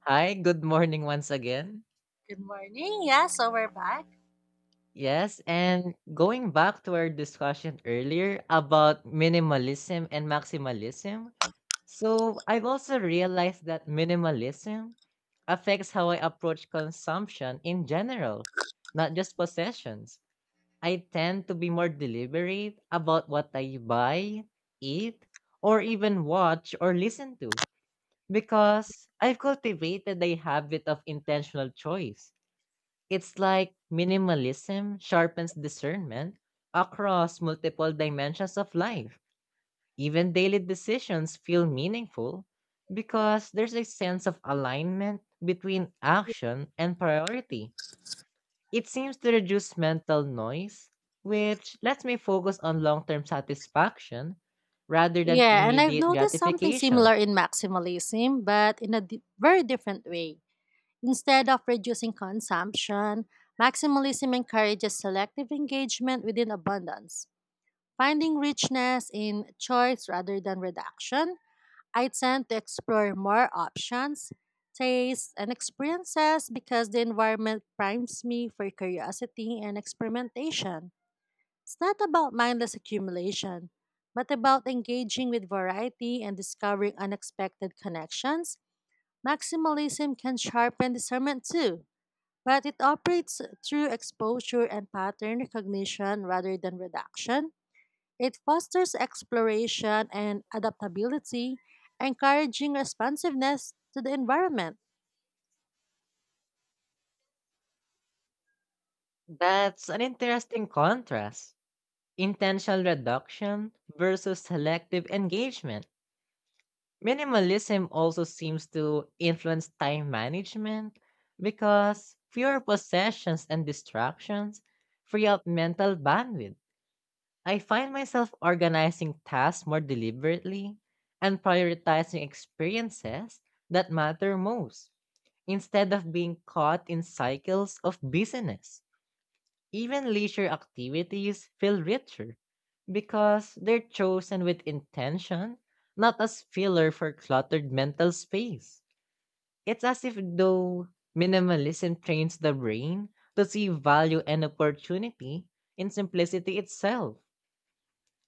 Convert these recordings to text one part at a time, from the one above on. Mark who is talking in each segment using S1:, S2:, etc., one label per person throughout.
S1: Hi, good morning once again.
S2: Good morning. Yeah, so we're back.
S1: Yes, and going back to our discussion earlier about minimalism and maximalism. So, I've also realized that minimalism affects how I approach consumption in general, not just possessions. I tend to be more deliberate about what I buy, eat, or even watch or listen to because I've cultivated a habit of intentional choice. It's like minimalism sharpens discernment across multiple dimensions of life. Even daily decisions feel meaningful because there's a sense of alignment between action and priority. It seems to reduce mental noise, which lets me focus on long term satisfaction rather than
S2: Yeah, and I've
S1: immediate
S2: noticed something
S1: gratification.
S2: similar in maximalism, but in a very different way. Instead of reducing consumption, maximalism encourages selective engagement within abundance, finding richness in choice rather than reduction. I tend to explore more options, tastes, and experiences because the environment primes me for curiosity and experimentation. It's not about mindless accumulation, but about engaging with variety and discovering unexpected connections. Maximalism can sharpen discernment too, but it operates through exposure and pattern recognition rather than reduction. It fosters exploration and adaptability, encouraging responsiveness to the environment.
S1: That's an interesting contrast: intentional reduction versus selective engagement. Minimalism also seems to influence time management because fewer possessions and distractions free up mental bandwidth. I find myself organizing tasks more deliberately and prioritizing experiences that matter most instead of being caught in cycles of busyness. Even leisure activities feel richer because they're chosen with intention, not as filler for cluttered mental space. It's as if though minimalism trains the brain to see value and opportunity in simplicity itself.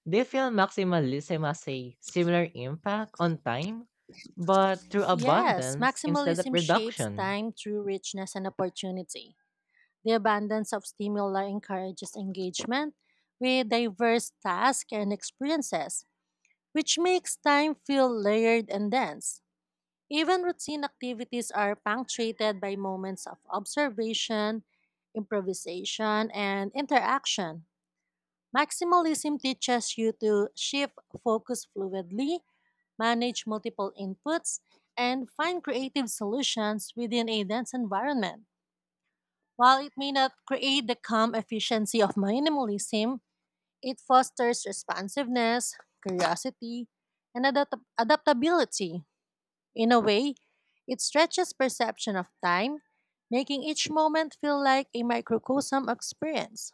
S1: Do you feel maximalism has a similar impact on time, but through
S2: Yes,
S1: abundance instead of
S2: maximalism shapes
S1: reduction?
S2: time through richness and opportunity. The abundance of stimuli encourages engagement with diverse tasks and experiences, which makes time feel layered and dense. Even routine activities are punctuated by moments of observation, improvisation, and interaction. Maximalism teaches you to shift focus fluidly, manage multiple inputs, and find creative solutions within a dense environment. While it may not create the calm efficiency of minimalism, it fosters responsiveness, curiosity, and adaptability. In a way, it stretches perception of time, making each moment feel like a microcosm experience.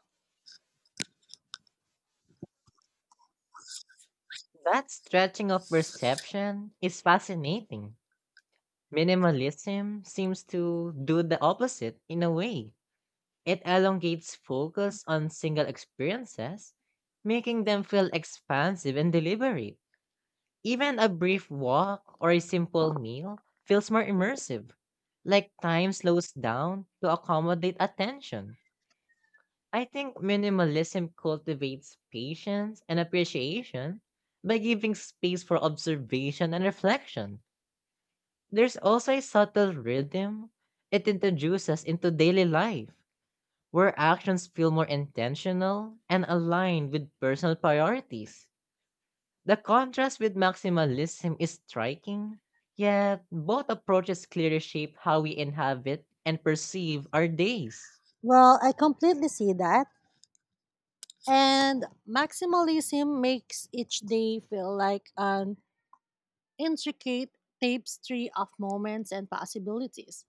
S1: That stretching of perception is fascinating. Minimalism seems to do the opposite in a way. It elongates focus on single experiences, making them feel expansive and deliberate. Even a brief walk or a simple meal feels more immersive, like time slows down to accommodate attention. I think minimalism cultivates patience and appreciation by giving space for observation and reflection. There's also a subtle rhythm it introduces into daily life, where actions feel more intentional and aligned with personal priorities. The contrast with maximalism is striking, yet both approaches clearly shape how we inhabit and perceive our days.
S2: Well, I completely see that. And maximalism makes each day feel like an intricate tapestry of moments and possibilities.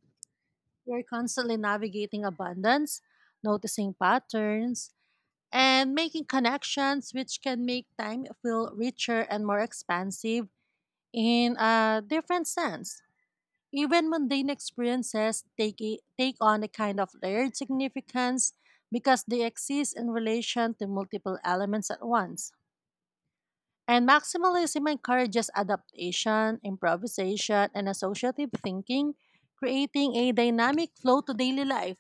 S2: You're constantly navigating abundance, noticing patterns, and making connections, which can make time feel richer and more expansive in a different sense. Even mundane experiences take on a kind of layered significance because they exist in relation to multiple elements at once. And maximalism encourages adaptation, improvisation, and associative thinking, creating a dynamic flow to daily life.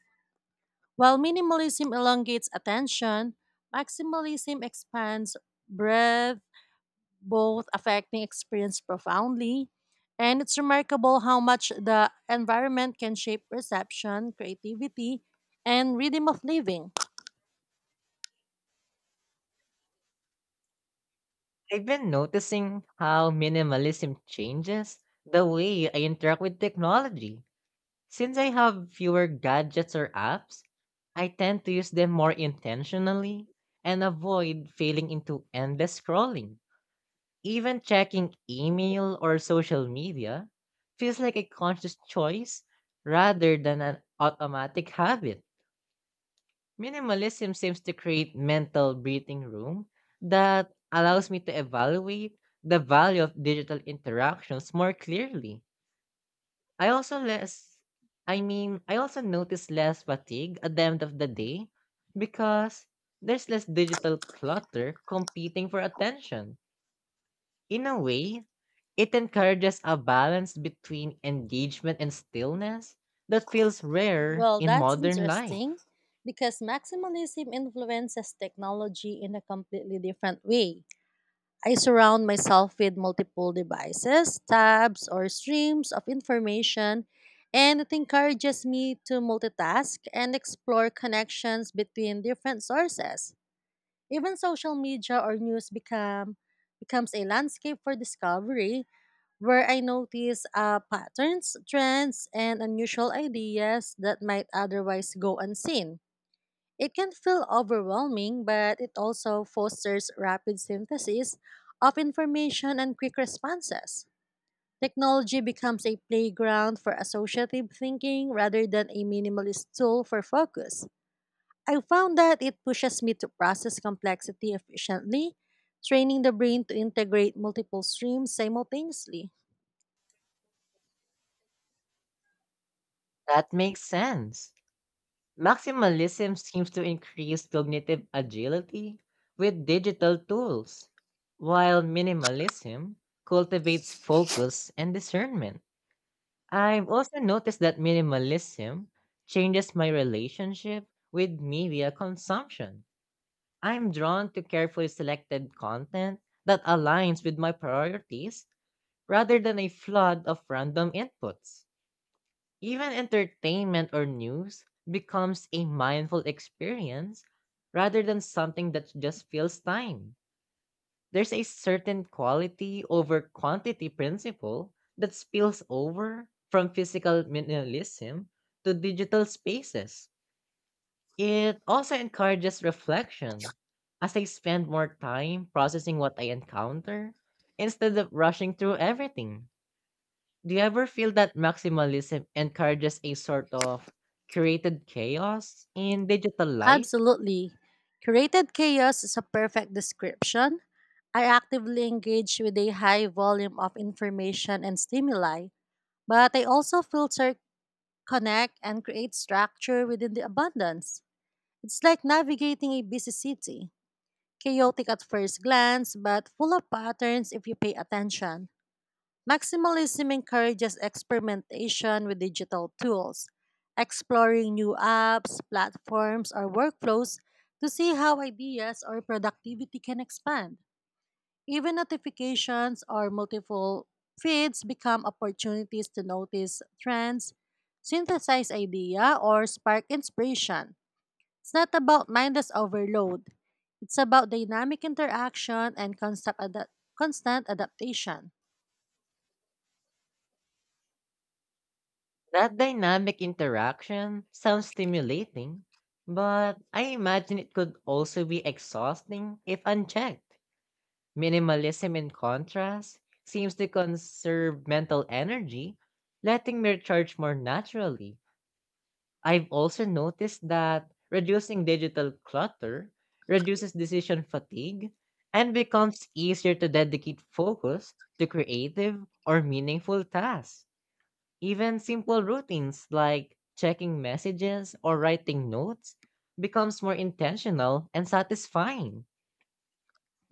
S2: While minimalism elongates attention, maximalism expands breadth, both affecting experience profoundly. And it's remarkable how much the environment can shape perception, creativity, and rhythm of living.
S1: I've been noticing how minimalism changes the way I interact with technology. Since I have fewer gadgets or apps, I tend to use them more intentionally and avoid falling into endless scrolling. Even checking email or social media feels like a conscious choice rather than an automatic habit. Minimalism seems to create mental breathing room that allows me to evaluate the value of digital interactions more clearly. I also less I also notice less fatigue at the end of the day because there's less digital clutter competing for attention. In a way, it encourages a balance between engagement and stillness that feels rare
S2: Well,
S1: in
S2: that's
S1: modern
S2: interesting
S1: life.
S2: because maximalism influences technology in a completely different way. I surround myself with multiple devices, tabs, or streams of information, and it encourages me to multitask and explore connections between different sources. Even social media or news becomes a landscape for discovery where I notice patterns, trends, and unusual ideas that might otherwise go unseen. It can feel overwhelming, but it also fosters rapid synthesis of information and quick responses. Technology becomes a playground for associative thinking rather than a minimalist tool for focus. I found that it pushes me to process complexity efficiently, training the brain to integrate multiple streams simultaneously.
S1: That makes sense. Maximalism seems to increase cognitive agility with digital tools, while minimalism cultivates focus and discernment. I've also noticed that minimalism changes my relationship with media consumption. I'm drawn to carefully selected content that aligns with my priorities rather than a flood of random inputs. Even entertainment or news becomes a mindful experience rather than something that just fills time. There's a certain quality over quantity principle that spills over from physical minimalism to digital spaces. It also encourages reflection as I spend more time processing what I encounter instead of rushing through everything. Do you ever feel that maximalism encourages a sort of curated chaos in digital life?
S2: Absolutely. Curated chaos is a perfect description. I actively engage with a high volume of information and stimuli, but I also filter, connect, and create structure within the abundance. It's like navigating a busy city, chaotic at first glance, but full of patterns if you pay attention. Maximalism encourages experimentation with digital tools, exploring new apps, platforms, or workflows to see how ideas or productivity can expand. Even notifications or multiple feeds become opportunities to notice trends, synthesize idea, or spark inspiration. It's not about mindless overload. It's about dynamic interaction and constant adaptation.
S1: That dynamic interaction sounds stimulating, but I imagine it could also be exhausting if unchecked. Minimalism, in contrast, seems to conserve mental energy, letting me recharge more naturally. I've also noticed that reducing digital clutter reduces decision fatigue and becomes easier to dedicate focus to creative or meaningful tasks. Even simple routines like checking messages or writing notes becomes more intentional and satisfying.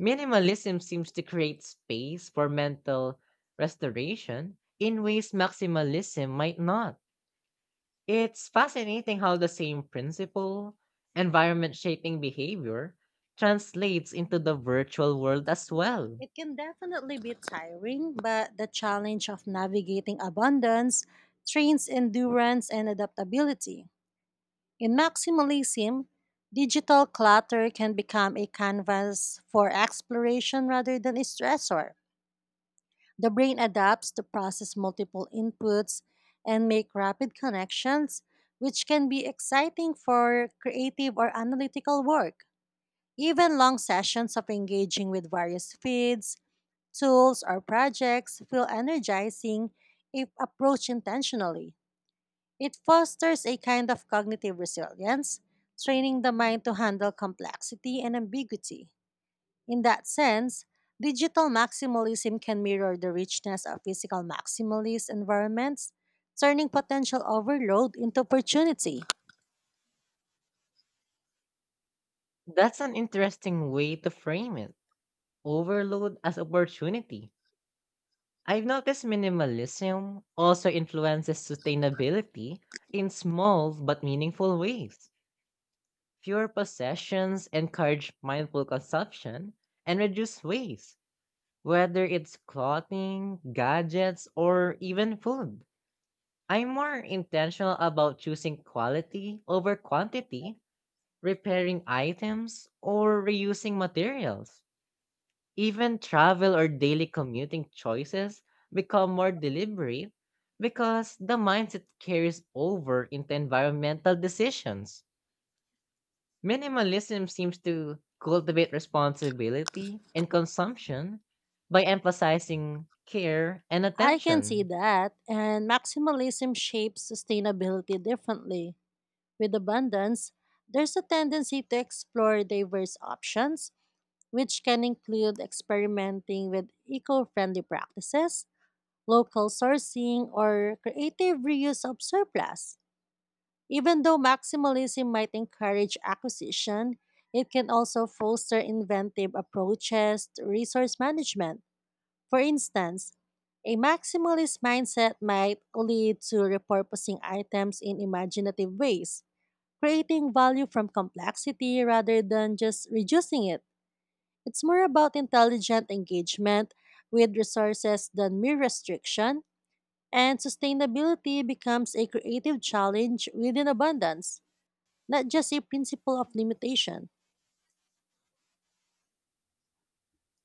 S1: Minimalism seems to create space for mental restoration in ways maximalism might not. It's fascinating how the same principle, environment shaping behavior, translates into the virtual world as well.
S2: It can definitely be tiring, but the challenge of navigating abundance trains endurance and adaptability. In maximalism, digital clutter can become a canvas for exploration rather than a stressor. The brain adapts to process multiple inputs and make rapid connections, which can be exciting for creative or analytical work. Even long sessions of engaging with various feeds tools, or projects feel energizing if approached intentionally. It fosters a kind of cognitive resilience, training the mind to handle complexity and ambiguity. In that sense, digital maximalism can mirror the richness of physical maximalist environments, turning potential overload into opportunity.
S1: That's an interesting way to frame it. Overload as opportunity. I've noticed minimalism also influences sustainability in small but meaningful ways. Fewer possessions encourage mindful consumption and reduce waste, whether it's clothing, gadgets, or even food. I'm more intentional about choosing quality over quantity, repairing items, or reusing materials. Even travel or daily commuting choices become more deliberate because the mindset carries over into environmental decisions. Minimalism seems to cultivate responsibility in consumption by emphasizing care and
S2: I can see
S1: attention.
S2: that, and maximalism shapes sustainability differently. With abundance, there's a tendency to explore diverse options, which can include experimenting with eco friendly practices, local sourcing, or creative reuse of surplus. Even though maximalism might encourage acquisition, it can also foster inventive approaches to resource management. For instance, a maximalist mindset might lead to repurposing items in imaginative ways creating value from complexity rather than just reducing it. It's more about intelligent engagement with resources than mere restriction, and sustainability becomes a creative challenge within abundance, not just a principle of limitation.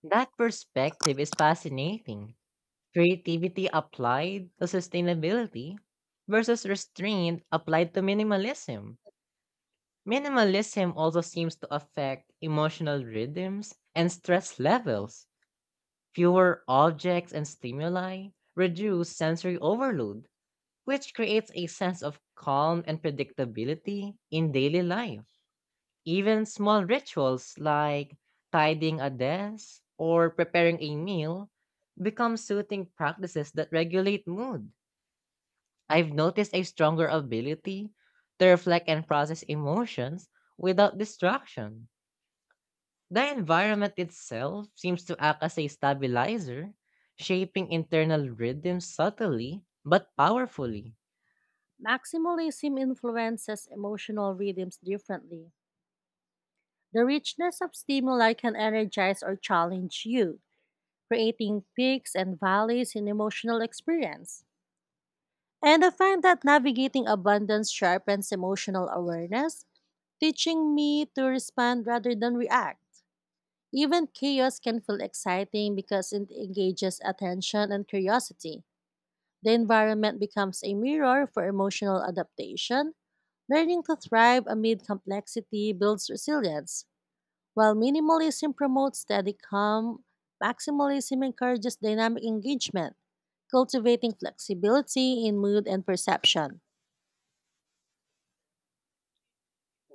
S1: That perspective is fascinating. Creativity applied to sustainability versus restraint applied to minimalism. Minimalism also seems to affect emotional rhythms and stress levels. Fewer objects and stimuli reduce sensory overload, which creates a sense of calm and predictability in daily life. Even small rituals like tidying a desk or preparing a meal become soothing practices that regulate mood. I've noticed a stronger ability to reflect and process emotions without distraction. The environment itself seems to act as a stabilizer, shaping internal rhythms subtly but powerfully.
S2: Maximalism influences emotional rhythms differently. The richness of stimuli can energize or challenge you, creating peaks and valleys in emotional experience. And I find that navigating abundance sharpens emotional awareness, teaching me to respond rather than react. Even chaos can feel exciting because it engages attention and curiosity. The environment becomes a mirror for emotional adaptation. Learning to thrive amid complexity builds resilience. While minimalism promotes steady calm, maximalism encourages dynamic engagement, cultivating flexibility in mood and perception.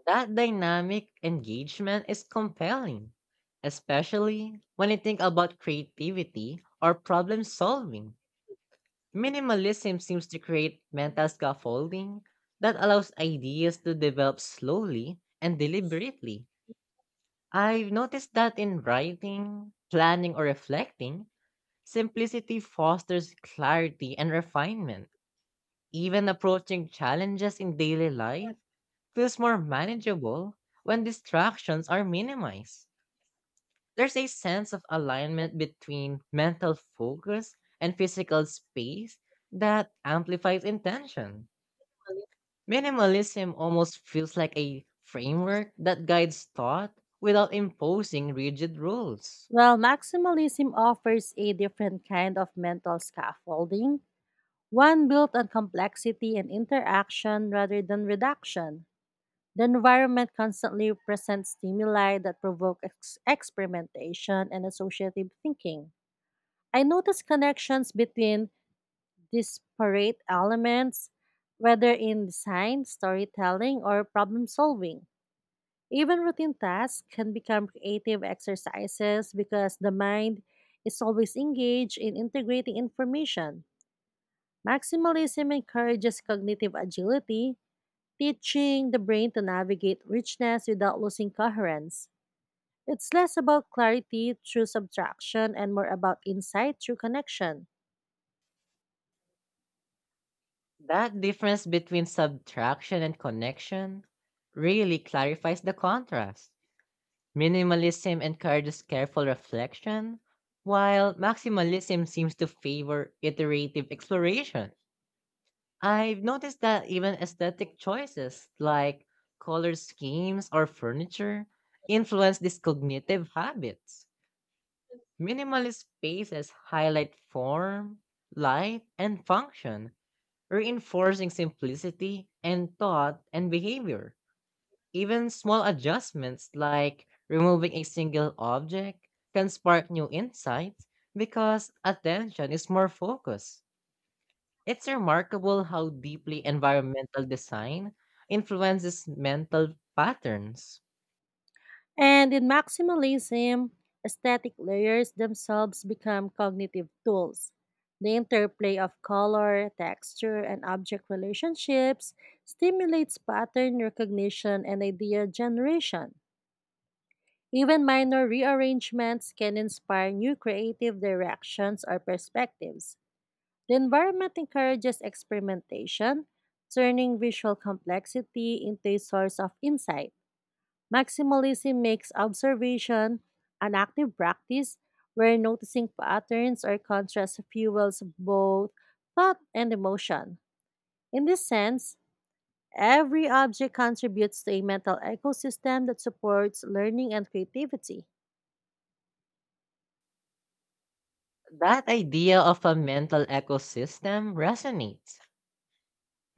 S1: That dynamic engagement is compelling, especially when you think about creativity or problem solving. Minimalism seems to create mental scaffolding that allows ideas to develop slowly and deliberately. I've noticed that in writing, planning, or reflecting, simplicity fosters clarity and refinement. Even approaching challenges in daily life feels more manageable when distractions are minimized. There's a sense of alignment between mental focus and physical space that amplifies intention. Minimalism almost feels like a framework that guides thought without imposing rigid rules.
S2: While maximalism offers a different kind of mental scaffolding, one built on complexity and interaction rather than reduction. The environment constantly presents stimuli that provoke experimentation and associative thinking. I notice connections between disparate elements, whether in design, storytelling, or problem solving. Even routine tasks can become creative exercises because the mind is always engaged in integrating information. Maximalism encourages cognitive agility, teaching the brain to navigate richness without losing coherence. It's less about clarity through subtraction and more about insight through connection.
S1: That difference between subtraction and connection really clarifies the contrast. Minimalism encourages careful reflection, while maximalism seems to favor iterative exploration. I've noticed that even aesthetic choices like color schemes or furniture influence these cognitive habits. Minimalist spaces highlight form, light, and function, reinforcing simplicity and thought and behavior. Even small adjustments like removing a single object can spark new insights because attention is more focused. It's remarkable how deeply environmental design influences mental patterns.
S2: And in maximalism, aesthetic layers themselves become cognitive tools. The interplay of color, texture, and object relationships stimulates pattern recognition and idea generation. Even minor rearrangements can inspire new creative directions or perspectives. The environment encourages experimentation, turning visual complexity into a source of insight. Maximalism makes observation an active practice where noticing patterns or contrasts fuels both thought and emotion. In this sense, every object contributes to a mental ecosystem that supports learning and creativity.
S1: That idea of a mental ecosystem resonates.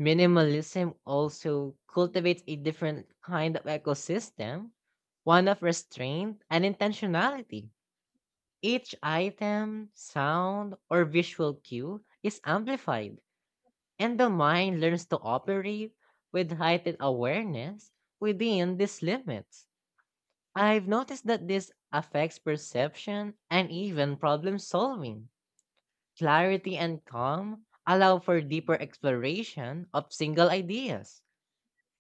S1: Minimalism also cultivates a different kind of ecosystem, one of restraint and intentionality. Each item, sound, or visual cue is amplified, and the mind learns to operate with heightened awareness within these limits. I've noticed that this affects perception and even problem solving. Clarity and calm allow for deeper exploration of single ideas.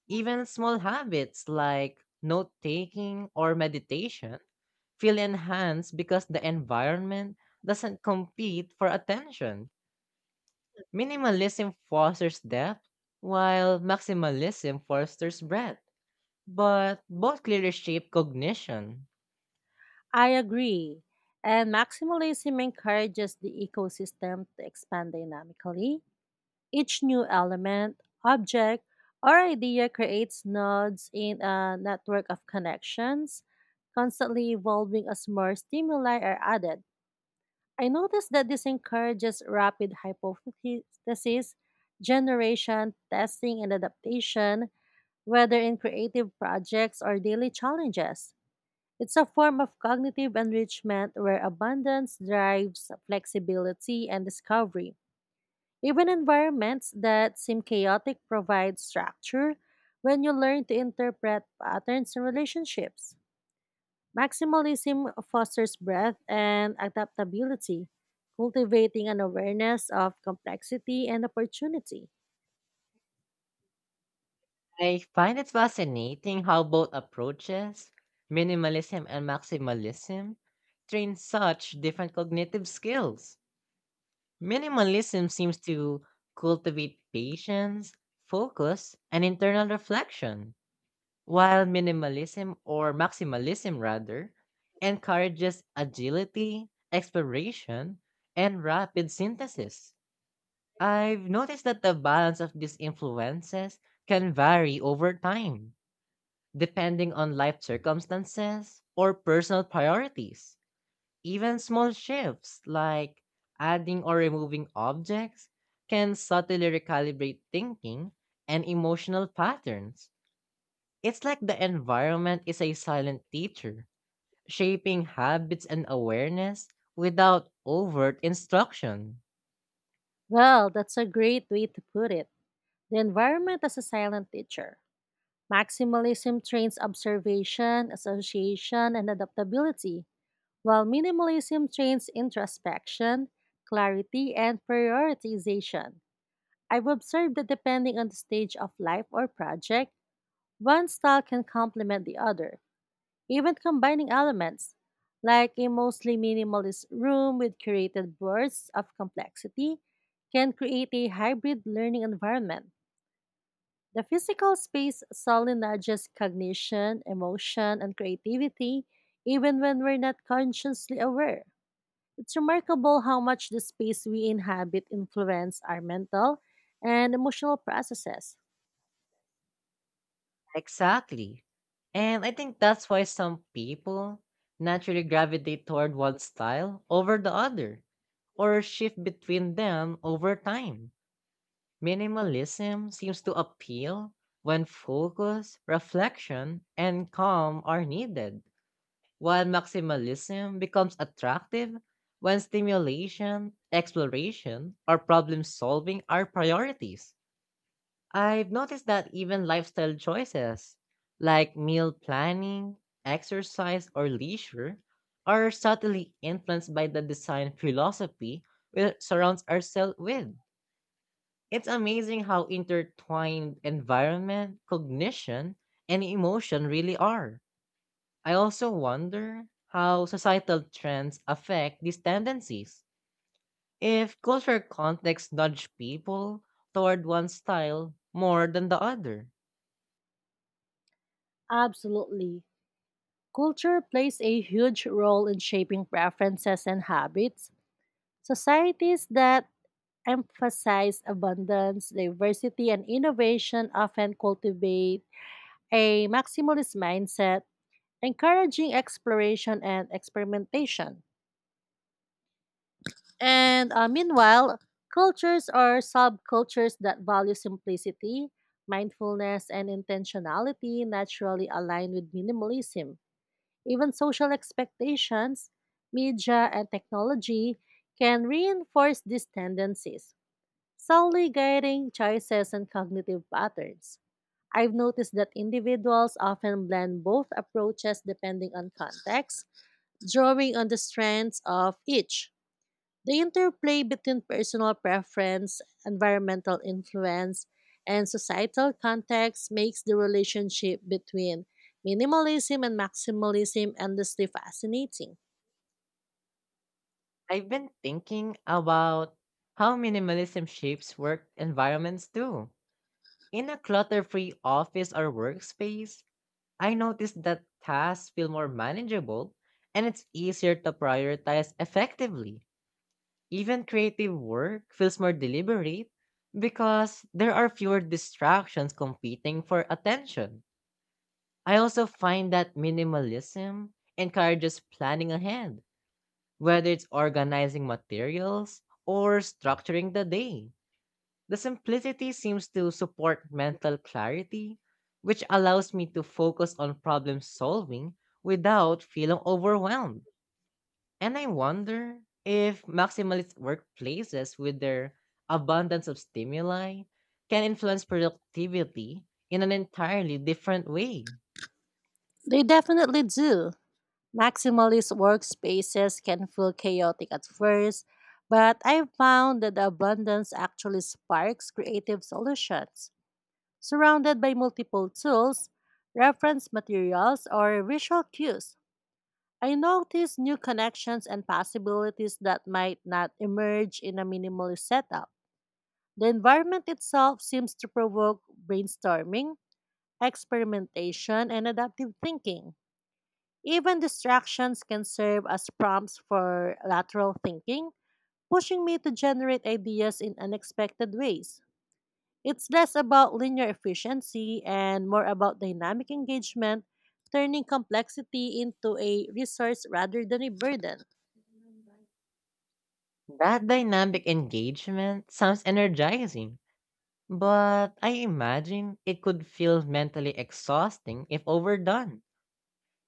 S1: Even small habits like note taking or meditation feel enhanced because the environment doesn't compete for attention. Minimalism fosters depth, while maximalism fosters breadth, but both clearly shape cognition.
S2: I agree. And maximalism encourages the ecosystem to expand dynamically. Each new element, object, or idea creates nodes in a network of connections, constantly evolving as more stimuli are added. I noticed that this encourages rapid hypothesis generation, testing, and adaptation, whether in creative projects or daily challenges. It's a form of cognitive enrichment where abundance drives flexibility and discovery. Even environments that seem chaotic provide structure when you learn to interpret patterns and relationships. Maximalism fosters breadth and adaptability, cultivating an awareness of complexity and opportunity.
S1: I find it fascinating how both approaches, minimalism and maximalism, train such different cognitive skills. Minimalism seems to cultivate patience, focus, and internal reflection, while minimalism, or maximalism rather, encourages agility, exploration, and rapid synthesis. I've noticed that the balance of these influences can vary over time depending on life circumstances or personal priorities. Even small shifts like adding or removing objects can subtly recalibrate thinking and emotional patterns. It's like the environment is a silent teacher, shaping habits and awareness without overt instruction.
S2: Well, that's a great way to put it. The environment as a silent teacher. Maximalism trains observation, association, and adaptability, while minimalism trains introspection, clarity, and prioritization. I've observed that depending on the stage of life or project, one style can complement the other, even combining elements. Like a mostly minimalist room with curated bursts of complexity can create a hybrid learning environment. The physical space solely nudges cognition, emotion, and creativity, even when we're not consciously aware. It's remarkable how much the space we inhabit influence our mental and emotional processes.
S1: Exactly. And I think that's why some people naturally gravitate toward one style over the other or shift between them over time. Minimalism seems to appeal when focus, reflection, and calm are needed, while maximalism becomes attractive when stimulation, exploration, or problem solving are priorities. I've noticed that even lifestyle choices like meal planning, exercise, or leisure are subtly influenced by the design philosophy we surround ourselves with. It's amazing how intertwined environment, cognition, and emotion really are. I also wonder how societal trends affect these tendencies, if cultural context nudge people toward one style more than the other.
S2: Absolutely. Culture plays a huge role in shaping preferences and habits. Societies that emphasize abundance, diversity, and innovation often cultivate a maximalist mindset, encouraging exploration and experimentation. And Meanwhile, cultures or subcultures that value simplicity, mindfulness, and intentionality naturally align with minimalism. Even social expectations, media, and technology can reinforce these tendencies, subtly guiding choices and cognitive patterns. I've noticed that individuals often blend both approaches depending on context, drawing on the strengths of each. The interplay between personal preference, environmental influence, and societal context makes the relationship between minimalism and maximalism endlessly fascinating.
S1: I've been thinking about how minimalism shapes work environments too. In a clutter free office or workspace, I noticed that tasks feel more manageable and it's easier to prioritize effectively. Even creative work feels more deliberate because there are fewer distractions competing for attention. I also find that minimalism encourages planning ahead. Whether it's organizing materials or structuring the day, the simplicity seems to support mental clarity, which allows me to focus on problem solving without feeling overwhelmed. And I wonder if maximalist workplaces, with their abundance of stimuli, can influence productivity in an entirely different way.
S2: They definitely do. Maximalist workspaces can feel chaotic at first, but I've found that the abundance actually sparks creative solutions. Surrounded by multiple tools, reference materials, or visual cues, I notice new connections and possibilities that might not emerge in a minimalist setup. The environment itself seems to provoke brainstorming, experimentation, and adaptive thinking. Even distractions can serve as prompts for lateral thinking, pushing me to generate ideas in unexpected ways. It's less about linear efficiency and more about dynamic engagement, turning complexity into a resource rather than a burden.
S1: That dynamic engagement sounds energizing, but I imagine it could feel mentally exhausting if overdone.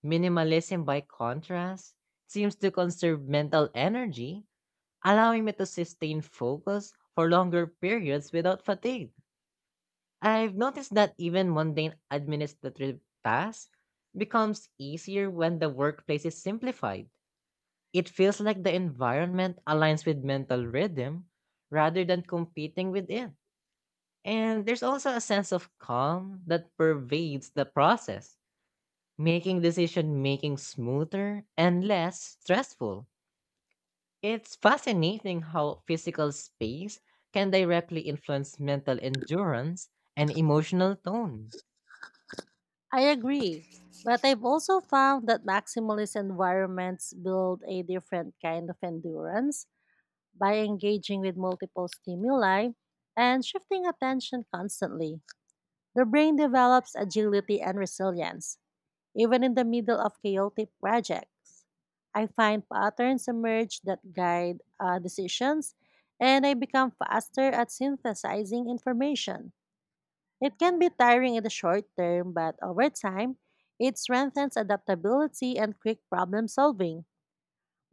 S1: Minimalism, by contrast, seems to conserve mental energy, allowing me to sustain focus for longer periods without fatigue. I've noticed that even mundane administrative tasks becomes easier when the workplace is simplified. It feels like the environment aligns with mental rhythm rather than competing with it. And there's also a sense of calm that pervades the process, making decision making smoother and less stressful. It's fascinating how physical space can directly influence mental endurance and emotional tone.
S2: I agree, but I've also found that maximalist environments build a different kind of endurance by engaging with multiple stimuli and shifting attention constantly. The brain develops agility and resilience, even in the middle of chaotic projects. I find patterns emerge that guide decisions, and I become faster at synthesizing information. It can be tiring in the short term, but over time, it strengthens adaptability and quick problem solving.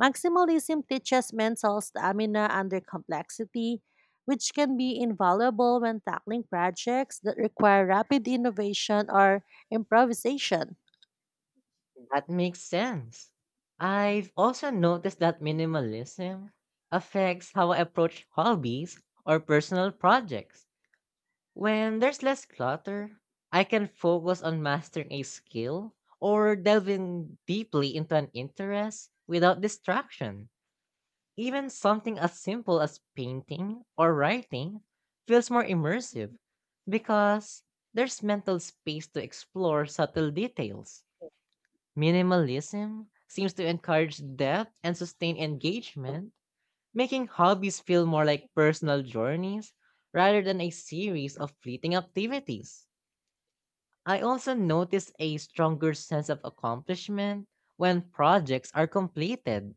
S2: Maximalism teaches mental stamina under complexity, which can be invaluable when tackling projects that require rapid innovation or improvisation.
S1: That makes sense. I've also noticed that minimalism affects how I approach hobbies or personal projects. When there's less clutter, I can focus on mastering a skill or delving deeply into an interest without distraction. Even something as simple as painting or writing feels more immersive because there's mental space to explore subtle details. Minimalism seems to encourage depth and sustain engagement, making hobbies feel more like personal journeys rather than a series of fleeting activities. I also notice a stronger sense of accomplishment when projects are completed.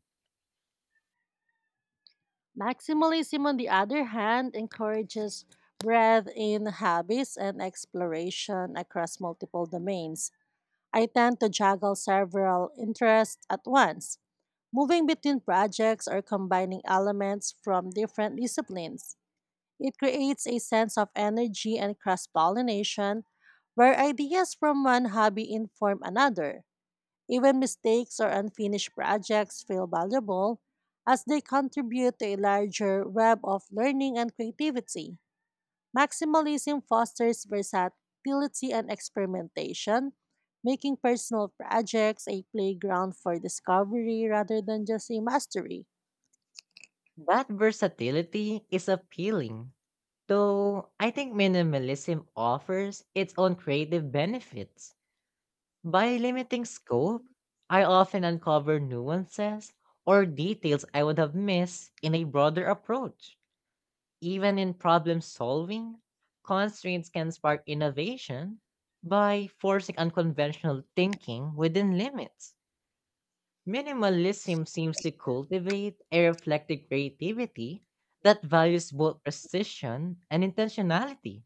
S2: Maximalism, on the other hand, encourages breadth in habits and exploration across multiple domains. I tend to juggle several interests at once, moving between projects or combining elements from different disciplines. It creates a sense of energy and cross pollination where ideas from one hobby inform another. Even mistakes or unfinished projects feel valuable as they contribute to a larger web of learning and creativity. Maximalism fosters versatility and experimentation, making personal projects a playground for discovery rather than just a mastery.
S1: That versatility is appealing, though I think minimalism offers its own creative benefits. By limiting scope, I often uncover nuances or details I would have missed in a broader approach. Even in problem solving, constraints can spark innovation by forcing unconventional thinking within limits. Minimalism seems to cultivate a reflective creativity that values both precision and intentionality.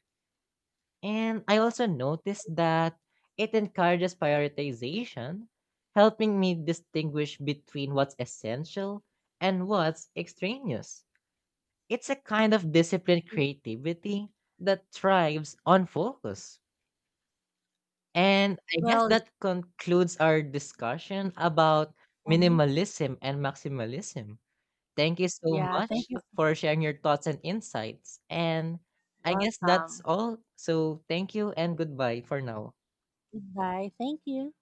S1: And I also noticed that it encourages prioritization, helping me distinguish between what's essential and what's extraneous. It's a kind of disciplined creativity that thrives on focus. And I guess
S2: Well,
S1: that concludes our discussion about
S2: Mhm.
S1: minimalism and maximalism. Thank you so
S2: Yeah, thank
S1: much
S2: you.
S1: for sharing your thoughts and insights. And I guess that's
S2: Welcome.
S1: all. So thank you and goodbye for now.
S2: Goodbye. Thank you.